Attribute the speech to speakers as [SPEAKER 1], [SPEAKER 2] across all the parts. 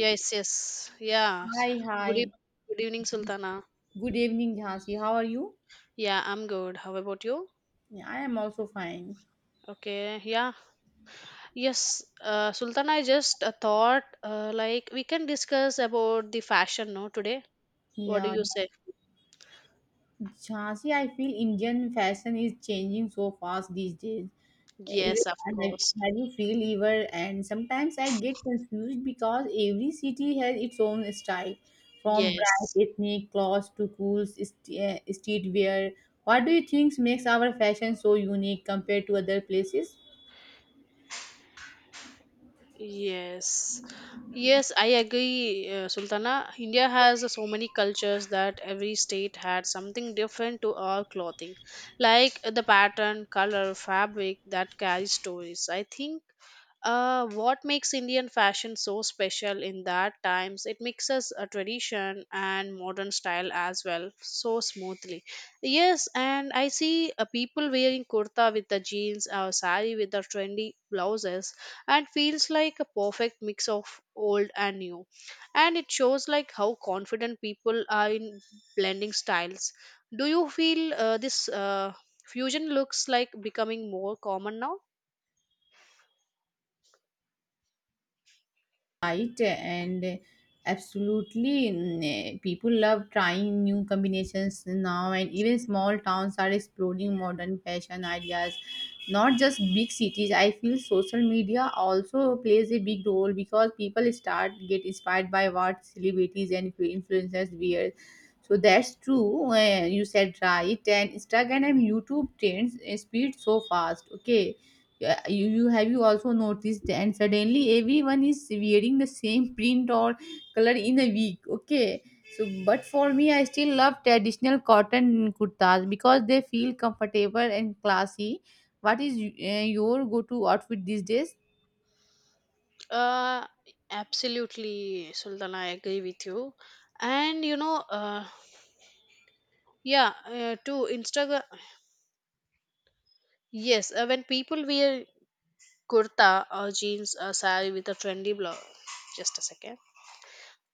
[SPEAKER 1] Yes, yes. Yeah.
[SPEAKER 2] Hi, hi.
[SPEAKER 1] Good, eve- Good evening, Sultana.
[SPEAKER 2] Good evening, Jhansi. How are you?
[SPEAKER 1] Yeah, I'm good. How about you?
[SPEAKER 2] Yeah, I am also fine.
[SPEAKER 1] Okay. Yeah. Yes, Sultana, I just thought like we can discuss about the fashion, no, today. What do
[SPEAKER 2] Yeah,
[SPEAKER 1] you say?
[SPEAKER 2] Jhansi, I feel Indian fashion is changing so fast these days. Even
[SPEAKER 1] Yes, of course.
[SPEAKER 2] have you feel ever? And sometimes I get confused because every city has its own style, from
[SPEAKER 1] Yes.
[SPEAKER 2] bright ethnic clothes to cool streetwear. What do you think makes our fashion so unique compared to other places?
[SPEAKER 1] Yes. Yes, I agree, Sultana. India has so many cultures that every state had something different to our clothing, like the pattern, color, fabric that carries stories. I think what makes Indian fashion so special in that times? It mixes a tradition and modern style as well so smoothly. Yes, and I see people wearing kurta with the jeans or sari with the trendy blouses, and feels like a perfect mix of old and new. And it shows like how confident people are in blending styles. Do you feel this fusion looks like becoming more common now?
[SPEAKER 2] Right. And absolutely, people love trying new combinations now, and even small towns are exploring modern fashion ideas, not just big cities. I feel social media also plays a big role because people start get inspired by what celebrities and influencers wear. So that's true, you said right, and Instagram and YouTube trends speed so fast. Okay. Yeah, you have you also noticed, and suddenly everyone is wearing the same print or color in a week. Okay. So but for me, I still love traditional cotton kurtas because they feel comfortable and classy. What is your go to outfit these days?
[SPEAKER 1] Uh, Absolutely, Sultan. I agree with you. And you know, yeah, to Instagram, yes, when people wear kurta or jeans or sari with a trendy blouse, just a second.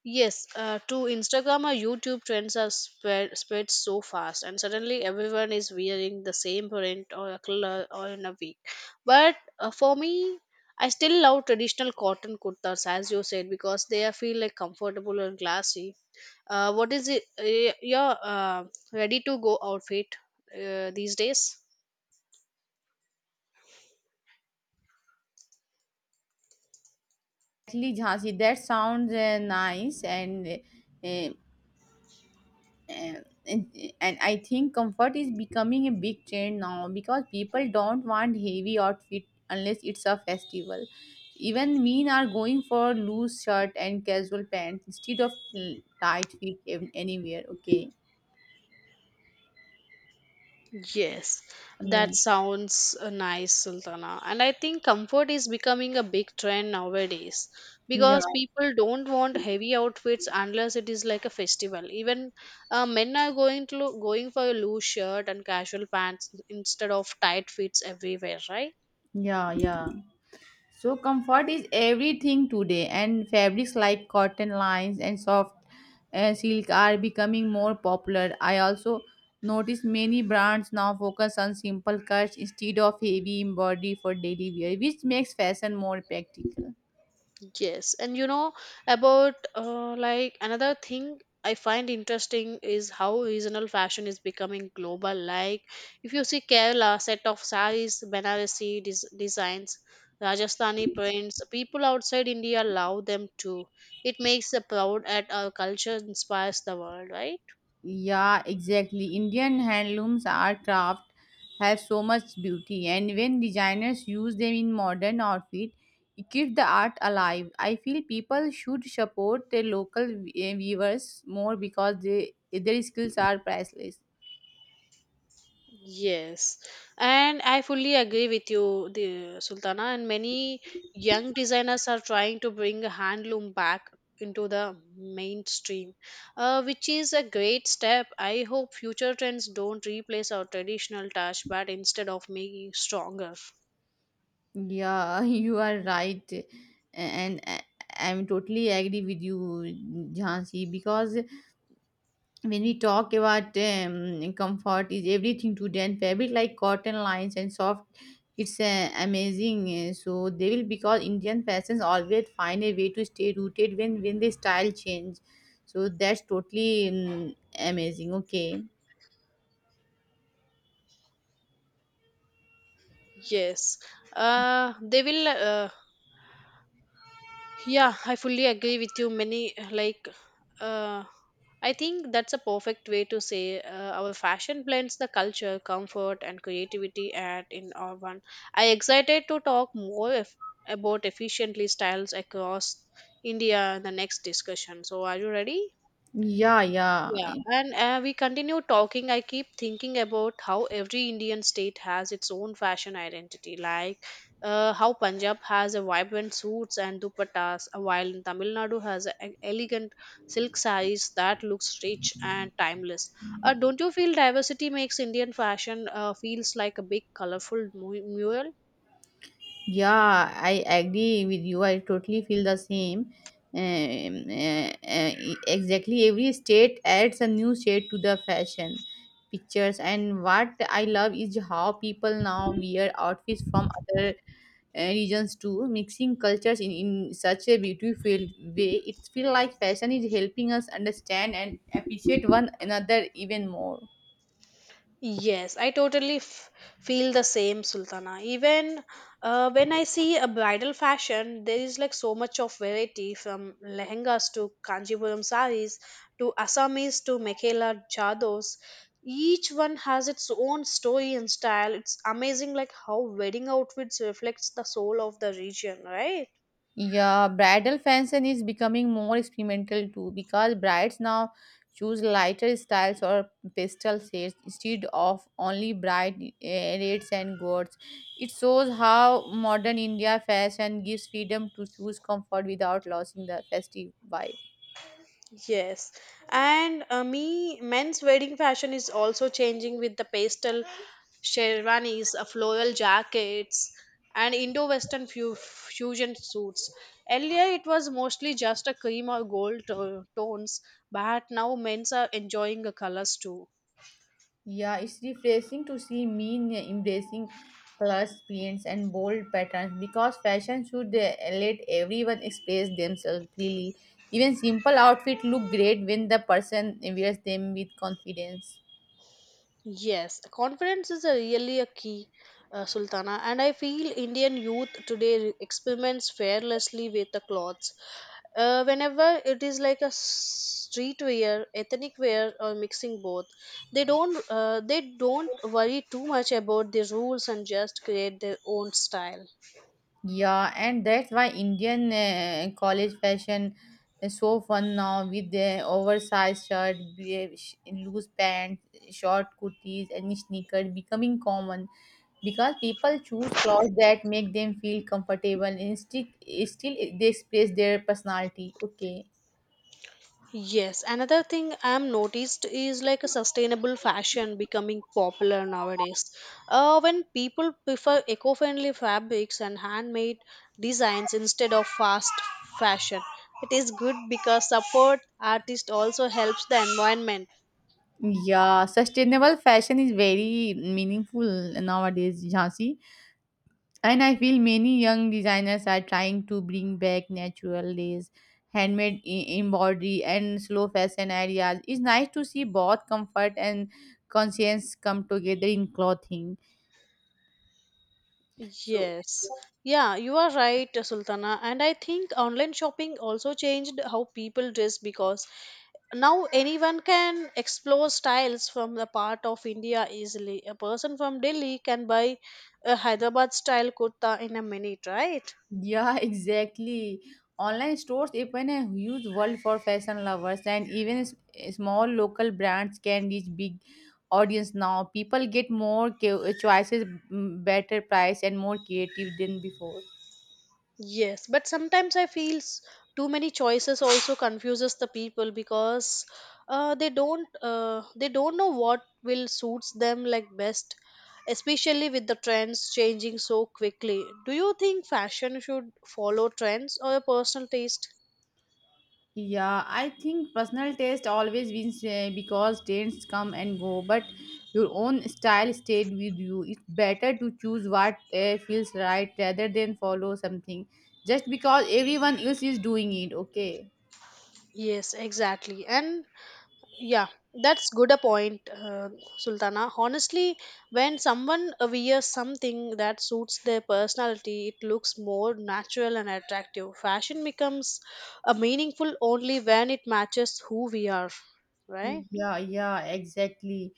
[SPEAKER 1] Yes, to Instagram or YouTube trends are spread so fast, and suddenly everyone is wearing the same print or a color or in a week. But for me, I still love traditional cotton kurtas, as you said, because they are feel like comfortable and classy. What is it? Your ready to go outfit these days?
[SPEAKER 2] Actually, Jhansi, that sounds nice. And uh, I think comfort is becoming a big trend now because people don't want heavy outfit unless it's a festival. Even men are going for loose shirt and casual pants instead of tight fit anywhere. Okay.
[SPEAKER 1] Yes,
[SPEAKER 2] Yeah,
[SPEAKER 1] that sounds nice, Sultana. And I think comfort is becoming a big trend nowadays
[SPEAKER 2] yeah.
[SPEAKER 1] because people don't want heavy outfits unless it is like a festival. Even men are going for a loose shirt and casual pants instead of tight fits everywhere, right?
[SPEAKER 2] Yeah, yeah. So comfort is everything today, and fabrics like cotton lines and soft silk are becoming more popular. I also notice many brands now focus on simple cuts instead of heavy embroidery for daily wear, which makes fashion more practical.
[SPEAKER 1] Yes, and you know about like another thing I find interesting is how regional fashion is becoming global. Like if you see Kerala set of saris, designs, Rajasthani prints, people outside India love them too. It makes us proud at our culture, inspires the world, right?
[SPEAKER 2] Yeah, exactly. Indian handlooms are craft, have so much beauty, and when designers use them in modern outfit, it keeps the art alive. I feel people should support their local weavers more because they their skills are priceless.
[SPEAKER 1] Yes, and I fully agree with you, the Sultana. And many young designers are trying to bring handloom back into the mainstream, which is a great step. I hope future trends don't replace our traditional touch, but instead of making stronger.
[SPEAKER 2] Yeah, you are right, and I'm totally agree with you, Jhansi, because when we talk about comfort is everything to them, fabric like cotton lines and soft, it's amazing. So they will, because Indian fashions always find a way to stay rooted when the style change. So that's totally amazing. Okay.
[SPEAKER 1] Yes, they will. Yeah, I fully agree with you. Many like, uh, I think that's a perfect way to say our fashion blends the culture, comfort, and creativity at in our one. I excited to talk more if, about efficiently styles across India in the next discussion. So, are you ready?
[SPEAKER 2] Yeah, yeah.
[SPEAKER 1] Yeah, and we continue talking. I keep thinking about how every Indian state has its own fashion identity, like how Punjab has a vibrant suits and dupattas, while in Tamil Nadu has an elegant silk sarees that looks rich and timeless. Don't you feel diversity makes Indian fashion feels like a big colorful mural?
[SPEAKER 2] Yeah, I agree with you. I totally feel the same. Exactly, every state adds a new shade to the fashion pictures, and what I love is how people now wear outfits from other regions too, mixing cultures in such a beautiful way. It feels like fashion is helping us understand and appreciate one another even more.
[SPEAKER 1] Yes, I totally feel the same, Sultana. Even when I see a bridal fashion, there is like so much of variety from lehengas to Kanjipuram saris to Assamese to Mekhala chados. Each one has its own story and style. It's amazing, like how wedding outfits reflects the soul of the region, right?
[SPEAKER 2] Yeah, bridal fashion is becoming more experimental too because brides now choose lighter styles or pastel shades instead of only bright reds and golds. It shows how modern India fashion gives freedom to choose comfort without losing the festive vibe.
[SPEAKER 1] Yes, and me men's wedding fashion is also changing with the pastel sherwanis, floral jackets, and Indo-Western fusion suits. Earlier, it was mostly just a cream or gold tones, but now men's are enjoying the colors too.
[SPEAKER 2] Yeah, it's refreshing to see men embracing colors, prints, and bold patterns because fashion should let everyone express themselves freely. Even simple outfits look great when the person wears them with confidence.
[SPEAKER 1] Yes, confidence is a really a key, Sultana, and I feel Indian youth today experiments fearlessly with the clothes. Whenever it is like a streetwear, ethnic wear, or mixing both, they don't worry too much about the rules and just create their own style.
[SPEAKER 2] Yeah, and that's why Indian college fashion is so fun now with the oversized shirt, loose pants, short kurtis, and sneakers becoming common, because people choose clothes that make them feel comfortable and still they express their personality. Okay.
[SPEAKER 1] Yes, another thing I'm noticed is like a sustainable fashion becoming popular nowadays. When people prefer eco-friendly fabrics and handmade designs instead of fast fashion, it is good because support artist also helps the environment.
[SPEAKER 2] Yeah, sustainable fashion is very meaningful nowadays, Jhansi. And I feel many young designers are trying to bring back natural lace, handmade embroidery, and slow fashion ideas. It's nice to see both comfort and conscience come together in clothing. So,
[SPEAKER 1] Yes. Yeah, you are right, Sultana. And I think online shopping also changed how people dress because now anyone can explore styles from the part of India. Easily a person from Delhi can buy a Hyderabad style kurta in a minute, right?
[SPEAKER 2] yeah, exactly. Online stores open a huge world for fashion lovers, and even small local brands can reach big audience now. People get more choices, better price, and more creative than before.
[SPEAKER 1] Yes, but sometimes I feel too many choices also confuses the people because they don't know what will suits them like best, especially with the trends changing so quickly. Do you think fashion should follow trends or a personal taste?
[SPEAKER 2] Yeah, I think personal taste always wins, because tastes come and go, but your own style stayed with you. It's better to choose what feels right rather than follow something just because everyone else is doing it. Okay.
[SPEAKER 1] Yes, exactly. And yeah, that's good a point, Sultana. Honestly, when someone wears something that suits their personality, it looks more natural and attractive. Fashion becomes a meaningful only when it matches who we are, right?
[SPEAKER 2] Yeah, yeah, exactly.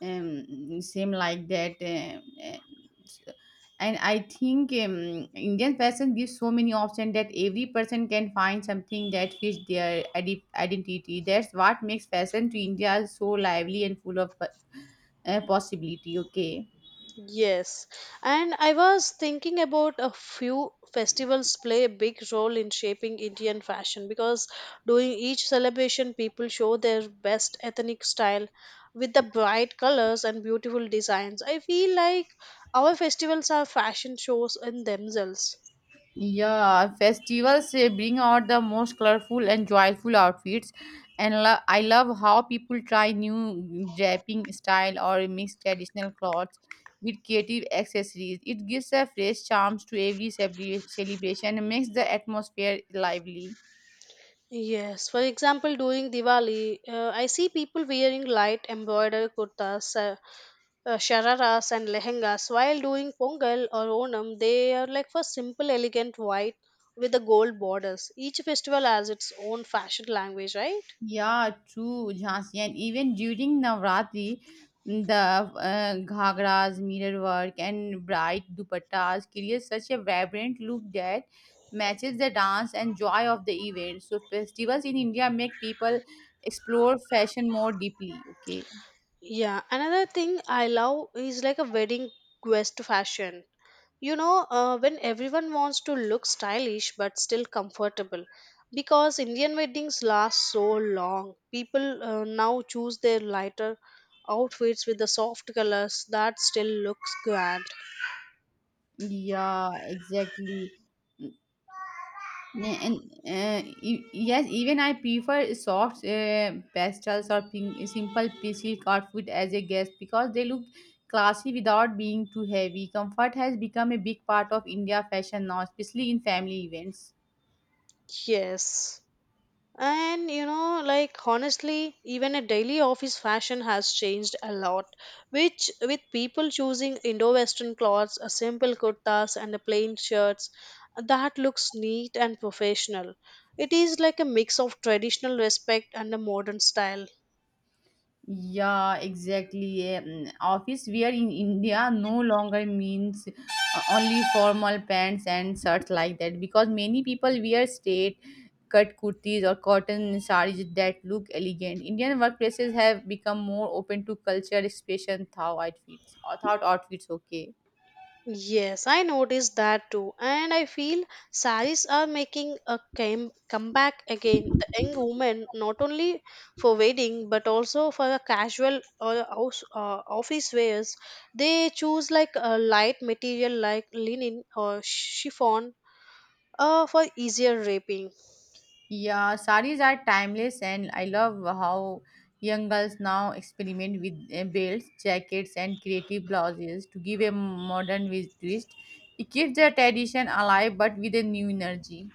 [SPEAKER 2] Same like that. And I think, Indian fashion gives so many options that every person can find something that fits their identity. That's what makes fashion to India so lively and full of possibility. Okay.
[SPEAKER 1] Yes, and I was thinking about a few festivals play a big role in shaping Indian fashion because during each celebration, people show their best ethnic style with the bright colors and beautiful designs. I feel like our festivals are fashion shows in themselves.
[SPEAKER 2] Yeah, festivals, bring out the most colorful and joyful outfits, and I love how people try new draping style or mix traditional clothes with creative accessories. It gives a fresh charm to every celebration and makes the atmosphere lively.
[SPEAKER 1] Yes, for example, during Diwali, I see people wearing light embroidered kurtas, shararas and lehengas. While doing Pongal or Onam, they are like for simple, elegant white with the gold borders. Each festival has its own fashion language, right?
[SPEAKER 2] Yeah, true, Jhansi. And even during Navratri, the ghagras, mirror work, and bright dupattas create such a vibrant look that matches the dance and joy of the event. So, festivals in India make people explore fashion more deeply. Okay.
[SPEAKER 1] Yeah. Another thing I love is like a wedding guest fashion. You know, when everyone wants to look stylish but still comfortable. Because Indian weddings last so long, people now choose their lighter outfits with the soft colors that still looks grand.
[SPEAKER 2] Yeah, exactly. Yeah, and yes, even I prefer soft pastels or pink, simple silk outfit as a guest because they look classy without being too heavy. Comfort has become a big part of India fashion now, especially in family events.
[SPEAKER 1] Yes. And you know, like honestly, even a daily office fashion has changed a lot, which with people choosing Indo-Western clothes, a simple kurtas and a plain shirts that looks neat and professional. It is like a mix of traditional respect and a modern style.
[SPEAKER 2] Yeah, exactly. Office wear in India no longer means only formal pants and shirts like that, because many people wear straight cut kurtis or cotton sarees that look elegant. Indian workplaces have become more open to culture expression thought outfits. Thought outfits, okay.
[SPEAKER 1] Yes, I noticed that too, and I feel saris are making a came comeback again. The young women, not only for wedding but also for a casual or house, office wears, they choose like a light material like linen or chiffon for easier wrapping.
[SPEAKER 2] Yeah, saris are timeless, and I love how young girls now experiment with belts, jackets, and creative blouses to give a modern twist. It keeps the tradition alive but with a new energy.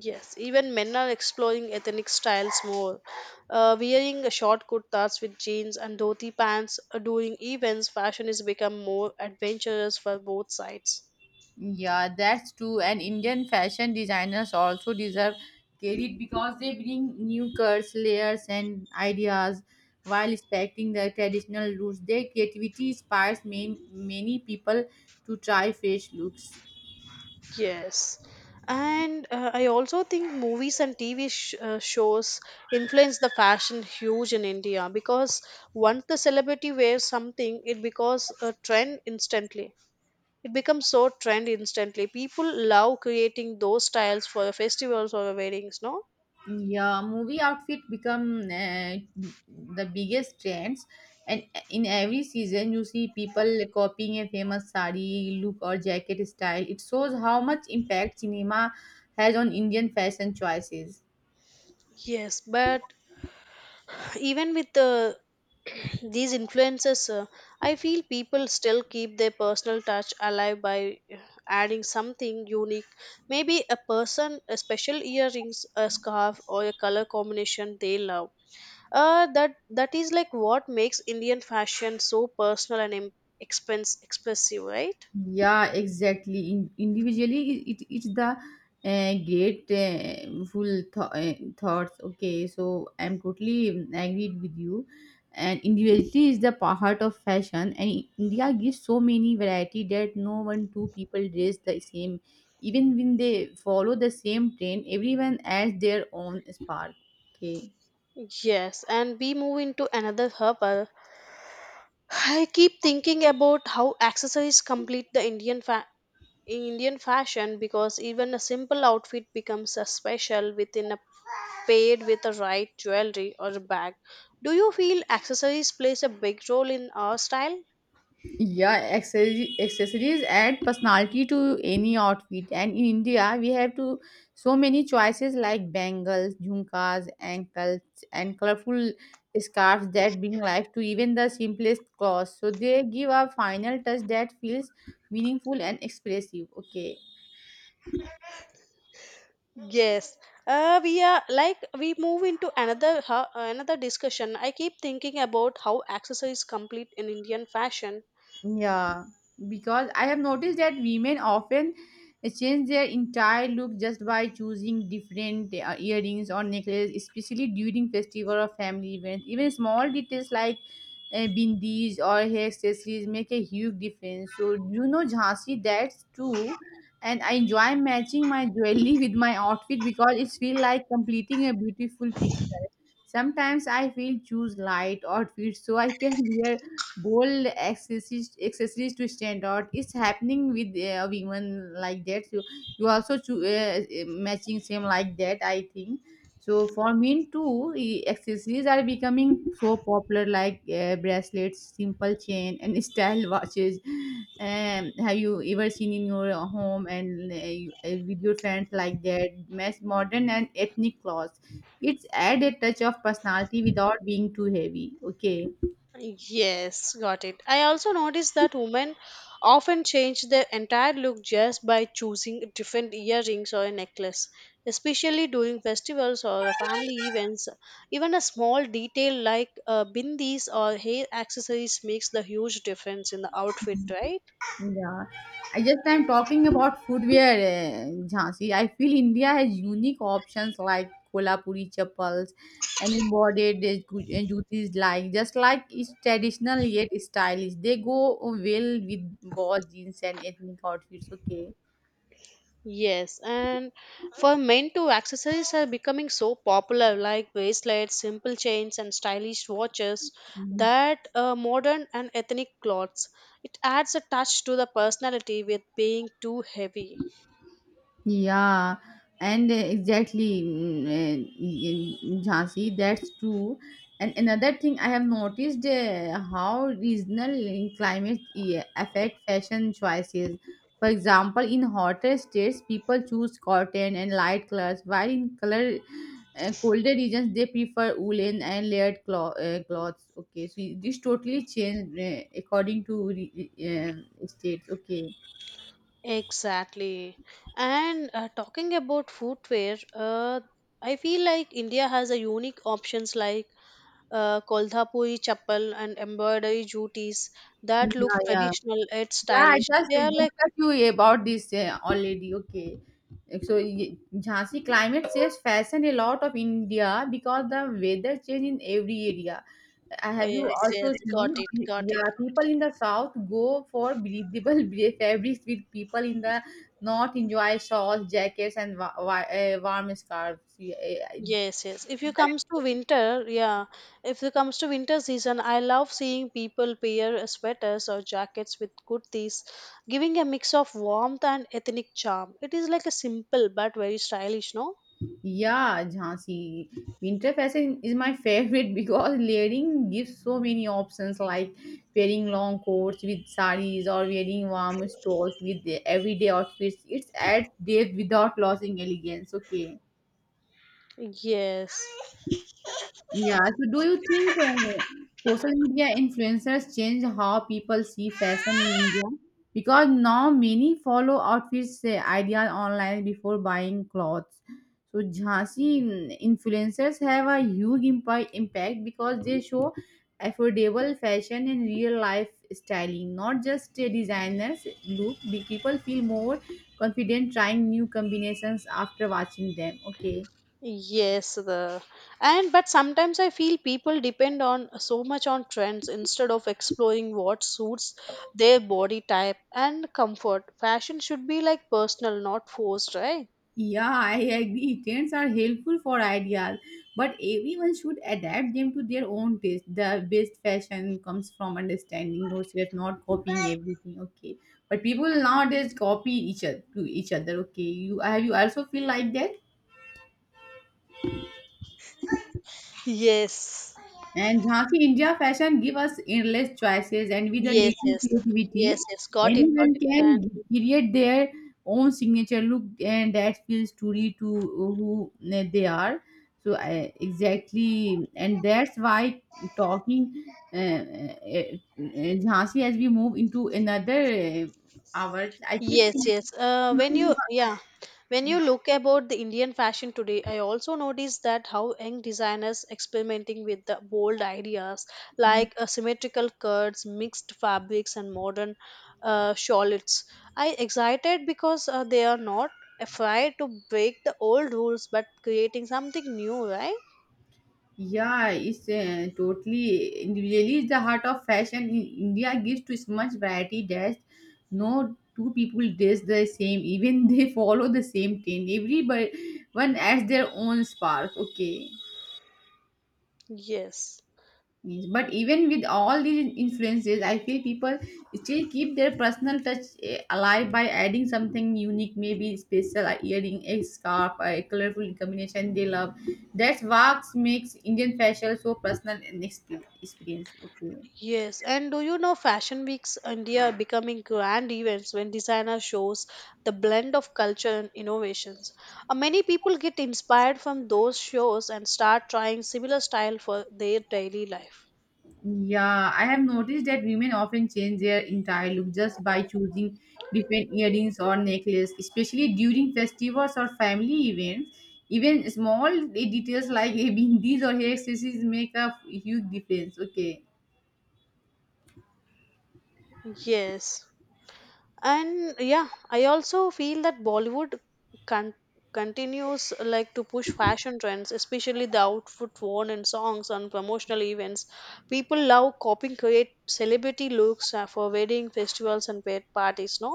[SPEAKER 1] Yes, even men are exploring ethnic styles more. Wearing a short kurtas with jeans and dhoti pants during events, fashion is become more adventurous for both sides.
[SPEAKER 2] Yeah, that's true. And Indian fashion designers also deserve credit because they bring new curves, layers, and ideas while respecting their traditional roots. Their creativity inspires many people to try fresh looks.
[SPEAKER 1] Yes. And I also think movies and TV shows influence the fashion huge in India because once the celebrity wears something, it becomes a trend instantly. It becomes so trend instantly. People love creating those styles for festivals or weddings, no?
[SPEAKER 2] Yeah, movie outfit become the biggest trends, and in every season you see people copying a famous sari look or jacket style. It shows how much impact cinema has on Indian fashion choices.
[SPEAKER 1] Yes, but even with the these influences, I feel people still keep their personal touch alive by adding something unique. Maybe a person, a special earrings, a scarf, or a color combination they love. That is like what makes Indian fashion so personal and em- expense expressive, right?
[SPEAKER 2] Yeah, exactly. Individually, it's the great thoughts. Okay, so I'm totally agreed with you. And individuality is the heart of fashion, and India gives so many variety that no one two people dress the same. Even when they follow the same trend, everyone adds their own spark. Okay.
[SPEAKER 1] Yes, and we move into another hub. I keep thinking about how accessories complete in Indian fashion because even a simple outfit becomes a special within a paired with the right jewelry or a bag. Do you feel accessories plays a big role in our style?
[SPEAKER 2] Yeah, accessories add personality to any outfit, and in India we have to so many choices like bangles, jhumkas, ankles, and colorful scarves that bring life to even the simplest clothes. So they give a final touch that feels meaningful and expressive. Okay.
[SPEAKER 1] Yes. We are like we move into another another discussion. I keep thinking about how accessories complete in Indian fashion.
[SPEAKER 2] Yeah, because I have noticed that women often change their entire look just by choosing different earrings or necklace, especially during festival or family events. Even small details like bindis or hair accessories make a huge difference. So you know, Jhansi, that's true. And I enjoy matching my jewelry with my outfit because it feels like completing a beautiful picture. Sometimes I feel choose light outfits so I can wear bold accessories to stand out. It's happening with women like that. So you also matching same like that. I think so. For men too, accessories are becoming so popular, like bracelets, simple chain, and style watches. Have you ever seen in your home and with your friends like that? Match modern and ethnic clothes, it's add a touch of personality without being too heavy. Okay.
[SPEAKER 1] Yes, got it. I also noticed that women often change their entire look just by choosing different earrings or a necklace, especially during festivals or family events. Even a small detail like bindis or hair accessories makes the huge difference in the outfit, right?
[SPEAKER 2] Yeah, I'm talking about footwear, Jhansi. I feel India has unique options like Kolhapuri chappals and embroidered jutis, like it's traditional yet stylish. They go well with boss jeans and ethnic outfits. Okay.
[SPEAKER 1] Yes, and for men too, accessories are becoming so popular, like bracelets, simple chains, and stylish watches that modern and ethnic clothes. It adds a touch to the personality with being too heavy.
[SPEAKER 2] Yeah, and exactly, Jhansi, that's true. And another thing I have noticed, how regional climate affect fashion choices. For example, in hotter states, people choose cotton and light colors, while in color colder regions, they prefer woolen and layered cloths. Okay, so this totally changed according to states. Okay.
[SPEAKER 1] Exactly. And talking about footwear, I feel like India has a unique options like Kolhapuri chappal and embroidery jutis
[SPEAKER 2] Yeah,
[SPEAKER 1] that look
[SPEAKER 2] yeah.
[SPEAKER 1] traditional yet
[SPEAKER 2] Yeah, I
[SPEAKER 1] stylish.
[SPEAKER 2] just
[SPEAKER 1] They are like.
[SPEAKER 2] discussed you about this already. Okay. So Jhansi, climate says fashion a lot of India because the weather change in every area.
[SPEAKER 1] Oh,
[SPEAKER 2] Have you
[SPEAKER 1] yes,
[SPEAKER 2] also
[SPEAKER 1] yes, got it,
[SPEAKER 2] seen?
[SPEAKER 1] got
[SPEAKER 2] Yeah,
[SPEAKER 1] it.
[SPEAKER 2] people in the south go for breathable fabrics, with people in the north enjoy shawls, jackets, and warm scarves. Yeah,
[SPEAKER 1] Yes, yes. If you
[SPEAKER 2] uh,
[SPEAKER 1] comes to winter, yeah. If it comes to winter season, I love seeing people pair sweaters or jackets with kurtis, giving a mix of warmth and ethnic charm. It is like a simple but very stylish, no?
[SPEAKER 2] Yeah, Jhansi. Winter fashion is my favorite because layering gives so many options like wearing long coats with saris or wearing warm stores with the everyday outfits. It's adds depth without losing elegance. Okay.
[SPEAKER 1] Yes.
[SPEAKER 2] Yeah. So, do you think social media influencers change how people see fashion in India? Because now many follow outfits ideas online before buying clothes. So, Jhansi, influencers have a huge impact because they show affordable fashion and real life styling, not just designers. Look, the people feel more confident trying new combinations after watching them. Okay.
[SPEAKER 1] Yes, the and but sometimes I feel people depend on so much on trends instead of exploring what suits their body type and comfort. Fashion should be like personal, not forced, right?
[SPEAKER 2] Yeah, I agree. Trends are helpful for ideas, but everyone should adapt them to their own taste. The best fashion comes from understanding yourself, not copying everything. Okay, but people nowadays copy each other to each other. Okay, you have you also feel like that?
[SPEAKER 1] Yes.
[SPEAKER 2] And Jhansi, India fashion give us endless choices, and with a
[SPEAKER 1] Yes,
[SPEAKER 2] little
[SPEAKER 1] yes. Yes,
[SPEAKER 2] creativity,
[SPEAKER 1] yes. Got it, got
[SPEAKER 2] anyone
[SPEAKER 1] it.
[SPEAKER 2] can create their own signature look, and that feels truly to who they are. So I, exactly, and that's why talking Jhansi, as we move into another hour, I keep
[SPEAKER 1] Yes, yes.
[SPEAKER 2] thinking.
[SPEAKER 1] When you look about the Indian fashion today, I also noticed that how young designers experimenting with the bold ideas like symmetrical cuts, mixed fabrics, and modern shawls. I excited because they are not afraid to break the old rules but creating something new, right?
[SPEAKER 2] Yeah, it's totally individually is the heart of fashion. In India gives to so much variety that no two people dress the same, even they follow the same trend. Everybody one adds their own spark. Okay.
[SPEAKER 1] Yes.
[SPEAKER 2] Yes, but even with all these influences, I feel people still keep their personal touch alive by adding something unique, maybe special a earring, a scarf, a colorful combination they love. That's what makes Indian fashion so personal and experience. Okay.
[SPEAKER 1] Yes, and do you know Fashion Weeks India are becoming grand events when designer shows the blend of culture and innovations. Many people get inspired from those shows and start trying similar style for their daily life.
[SPEAKER 2] Yeah, I have noticed that women often change their entire look just by choosing different earrings or necklace, especially during festivals or family events. Even small details like a bindis or hair accessories make a huge difference. Okay.
[SPEAKER 1] Yes. And yeah, I also feel that Bollywood con- continues like to push fashion trends, especially the outfit worn in songs and promotional events. People love copying create celebrity looks for wedding festivals and parties, no?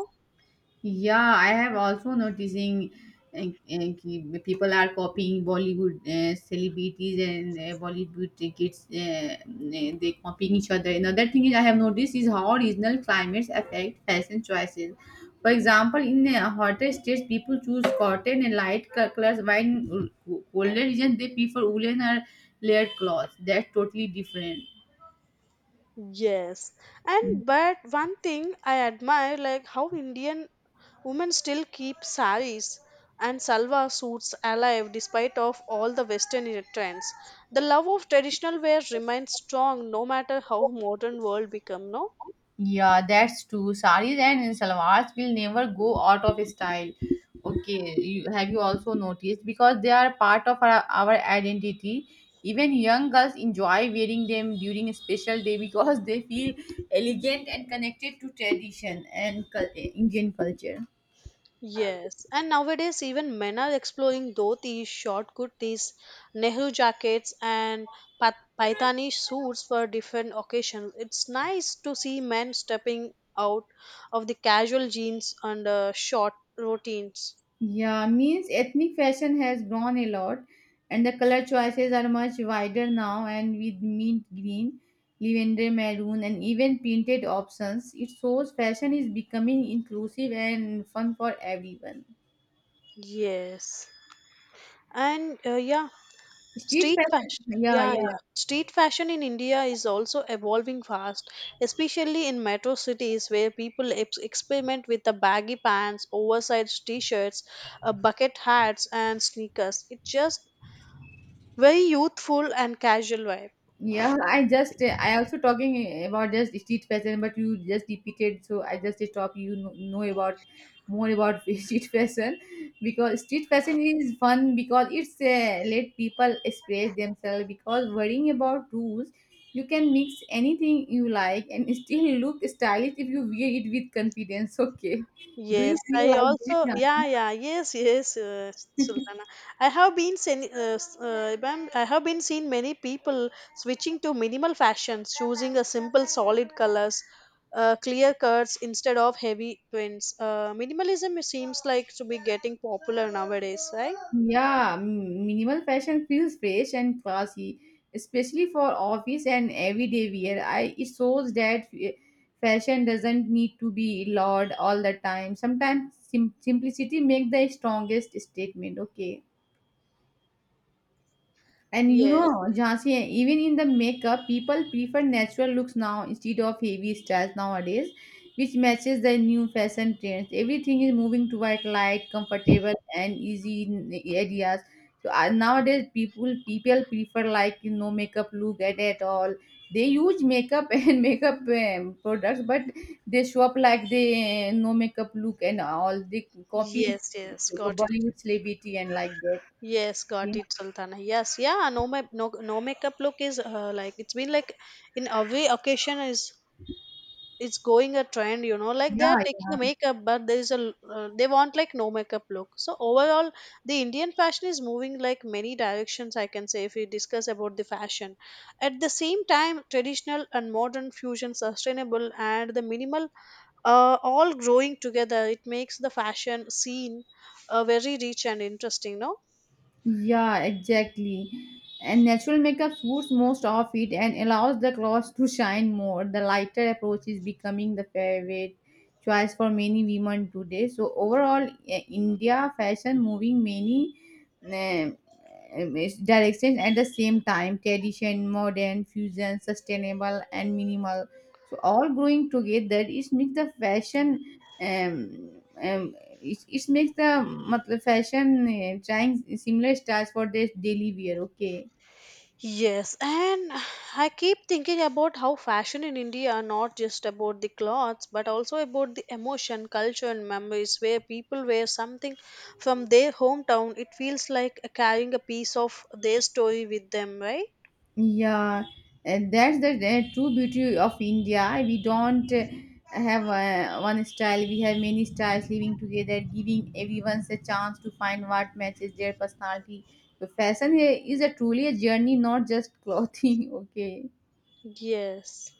[SPEAKER 2] Yeah, I have also noticing people are copying Bollywood celebrities and Bollywood kids. They copying each other. Another thing is I have noticed is how regional climates affect fashion choices. For example, in hotter states, people choose cotton and light colors, while in colder regions they prefer woolen or layered clothes. That's totally different.
[SPEAKER 1] Yes, and but one thing I admire, like how Indian women still keep saris and salwar suits alive despite of all the Western trends. The love of traditional wear remains strong no matter how modern world become, no?
[SPEAKER 2] Yeah, that's true. Saris and salwars will never go out of style. Okay, have you also noticed? Because they are part of our identity. Even young girls enjoy wearing them during a special day because they feel elegant and connected to tradition and Indian culture.
[SPEAKER 1] Yes, and nowadays even men are exploring dhotis, short kurtis, Nehru jackets, and pa- paithani suits for different occasions. It's nice to see men stepping out of the casual jeans and short routines.
[SPEAKER 2] Yeah, means ethnic fashion has grown a lot, and the color choices are much wider now. And with mint green, lavender maroon, and even printed options, it shows fashion is becoming inclusive and fun for everyone.
[SPEAKER 1] Yes, and
[SPEAKER 2] Street
[SPEAKER 1] Street
[SPEAKER 2] fashion,
[SPEAKER 1] fashion,
[SPEAKER 2] yeah,
[SPEAKER 1] yeah,
[SPEAKER 2] yeah.
[SPEAKER 1] yeah. Street fashion in India is also evolving fast, especially in metro cities where people experiment with the baggy pants, oversized t-shirts, bucket hats, and sneakers. It's just very youthful and casual vibe.
[SPEAKER 2] Yeah, I also talking about just street fashion, but you just repeated, so I just stop. You know about more about street fashion because street fashion is fun because it's let people express themselves. Because worrying about rules, you can mix anything you like and still look stylish if you wear it with confidence. Okay, do you
[SPEAKER 1] Yes,
[SPEAKER 2] feel
[SPEAKER 1] I
[SPEAKER 2] like
[SPEAKER 1] also,
[SPEAKER 2] that?
[SPEAKER 1] yeah, yeah, yes, yes, Sultana. I have been seen, ma'am, I have been seen many people switching to minimal fashions, choosing a simple solid colors, clear cuts instead of heavy prints. Minimalism seems like to be getting popular nowadays, right?
[SPEAKER 2] Yeah, minimal fashion feels fresh and classy, especially for office and everyday wear. I It shows that fashion doesn't need to be loud all the time. Sometimes simplicity make the strongest statement. Okay. And you know,
[SPEAKER 1] Yes,
[SPEAKER 2] Jhansi, even in the makeup, people prefer natural looks now instead of heavy styles nowadays, which matches the new fashion trends. Everything is moving toward light, comfortable, and easy areas. So nowadays, people prefer like no makeup look at all. They use makeup and makeup products, but they show up like they no makeup look and all. They copy
[SPEAKER 1] yes, yes, got it.
[SPEAKER 2] Bollywood celebrity and like that.
[SPEAKER 1] Yes, got
[SPEAKER 2] Yeah,
[SPEAKER 1] it, Sultana. Yes, yeah, no, no, no makeup look is like it's been like in every occasion is it's going a trend, you know, like they are taking a
[SPEAKER 2] yeah.
[SPEAKER 1] makeup but there is they want like no makeup look. So overall the Indian fashion is moving like many directions, I can say. If we discuss about the fashion, at the same time traditional and modern fusion, sustainable and the minimal, all growing together, it makes the fashion scene very rich and interesting, no?
[SPEAKER 2] Yeah, exactly. And natural makeup smooths most of it and allows the clothes to shine more. The lighter approach is becoming the favorite choice for many women today. So overall, India fashion moving many eh, directions at the same time: tradition, modern, fusion, sustainable, and minimal. So all growing together, it makes the fashion um, um, it makes the matlab fashion trying similar styles for their daily wear. Okay,
[SPEAKER 1] Yes, and I keep thinking about how fashion in India are not just about the clothes but also about the emotion, culture, and memories. Where people wear something from their hometown, it feels like carrying a piece of their story with them, right?
[SPEAKER 2] yeah, and that's the true beauty of India. We don't have one style. We have many styles living together, giving everyone a chance to find what matches their personality. So fashion is a truly a journey, not just clothing. Okay,
[SPEAKER 1] Yes.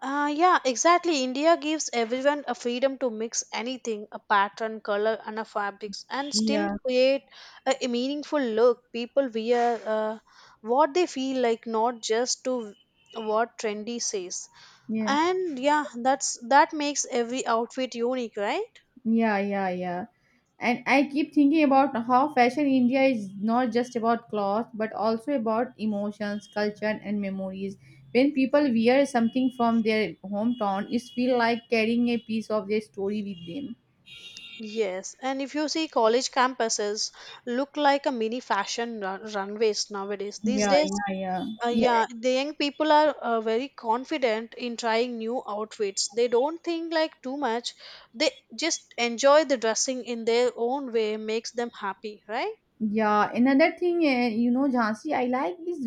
[SPEAKER 1] Yeah, exactly. India gives everyone a freedom to mix anything, a pattern, color, and a fabrics, and still
[SPEAKER 2] yeah,
[SPEAKER 1] create a meaningful look. People wear what they feel like, not just to what trendy says.
[SPEAKER 2] yeah.
[SPEAKER 1] And yeah, that makes every outfit unique, right?
[SPEAKER 2] Yeah, yeah, yeah. And I keep thinking about how fashion India is not just about clothes, but also about emotions, culture, and memories. When people wear something from their hometown, it feels like carrying a piece of their story with them.
[SPEAKER 1] Yes, and if you see college campuses look like a mini fashion runways nowadays. These
[SPEAKER 2] Yeah,
[SPEAKER 1] days,
[SPEAKER 2] yeah, yeah. Yeah,
[SPEAKER 1] Yeah, the young people are very confident in trying new outfits. They don't think like too much. They just enjoy the dressing in their own way, makes them happy, right?
[SPEAKER 2] yeah, another thing, you know, Jhansi, I like is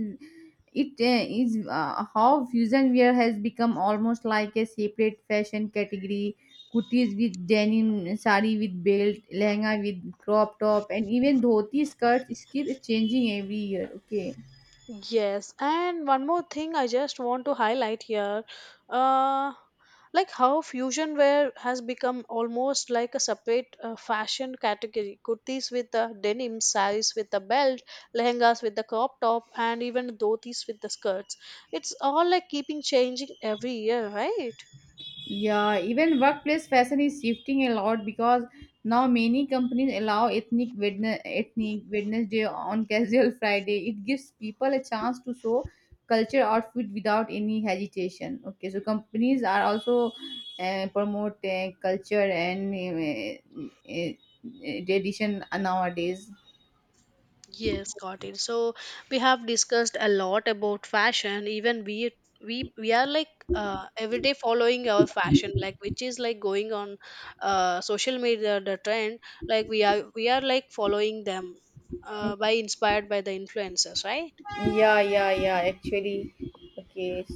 [SPEAKER 2] it is how fusion wear has become almost like a separate fashion category. Kurtis with denim, sari with belt, lehenga with crop top, and even dhoti skirts keep changing every year. Okay.
[SPEAKER 1] Yes, and one more thing I just want to highlight here, uh, like how fusion wear has become almost like a separate fashion category. Kurtis with the denim, saris with the belt, lehengas with the crop top, and even dhotis with the skirts. It's all like keeping changing every year, right?
[SPEAKER 2] Yeah, even workplace fashion is shifting a lot because now many companies allow ethnic witness, ethnic Wednesday on casual Friday. It gives people a chance to show culture outfit without any hesitation. Okay, so companies are also promote culture and tradition nowadays.
[SPEAKER 1] Yes, got it. So we have discussed a lot about fashion. Even we are like every day following our fashion, like which is like going on social media the trend. Like we are like following them by inspired by the influencers, right?
[SPEAKER 2] Yeah, yeah, yeah. Actually, okay.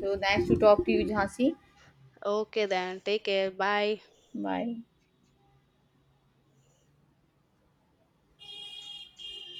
[SPEAKER 2] So nice to talk to you, Jhansi.
[SPEAKER 1] Okay, then take care. Bye.
[SPEAKER 2] Bye.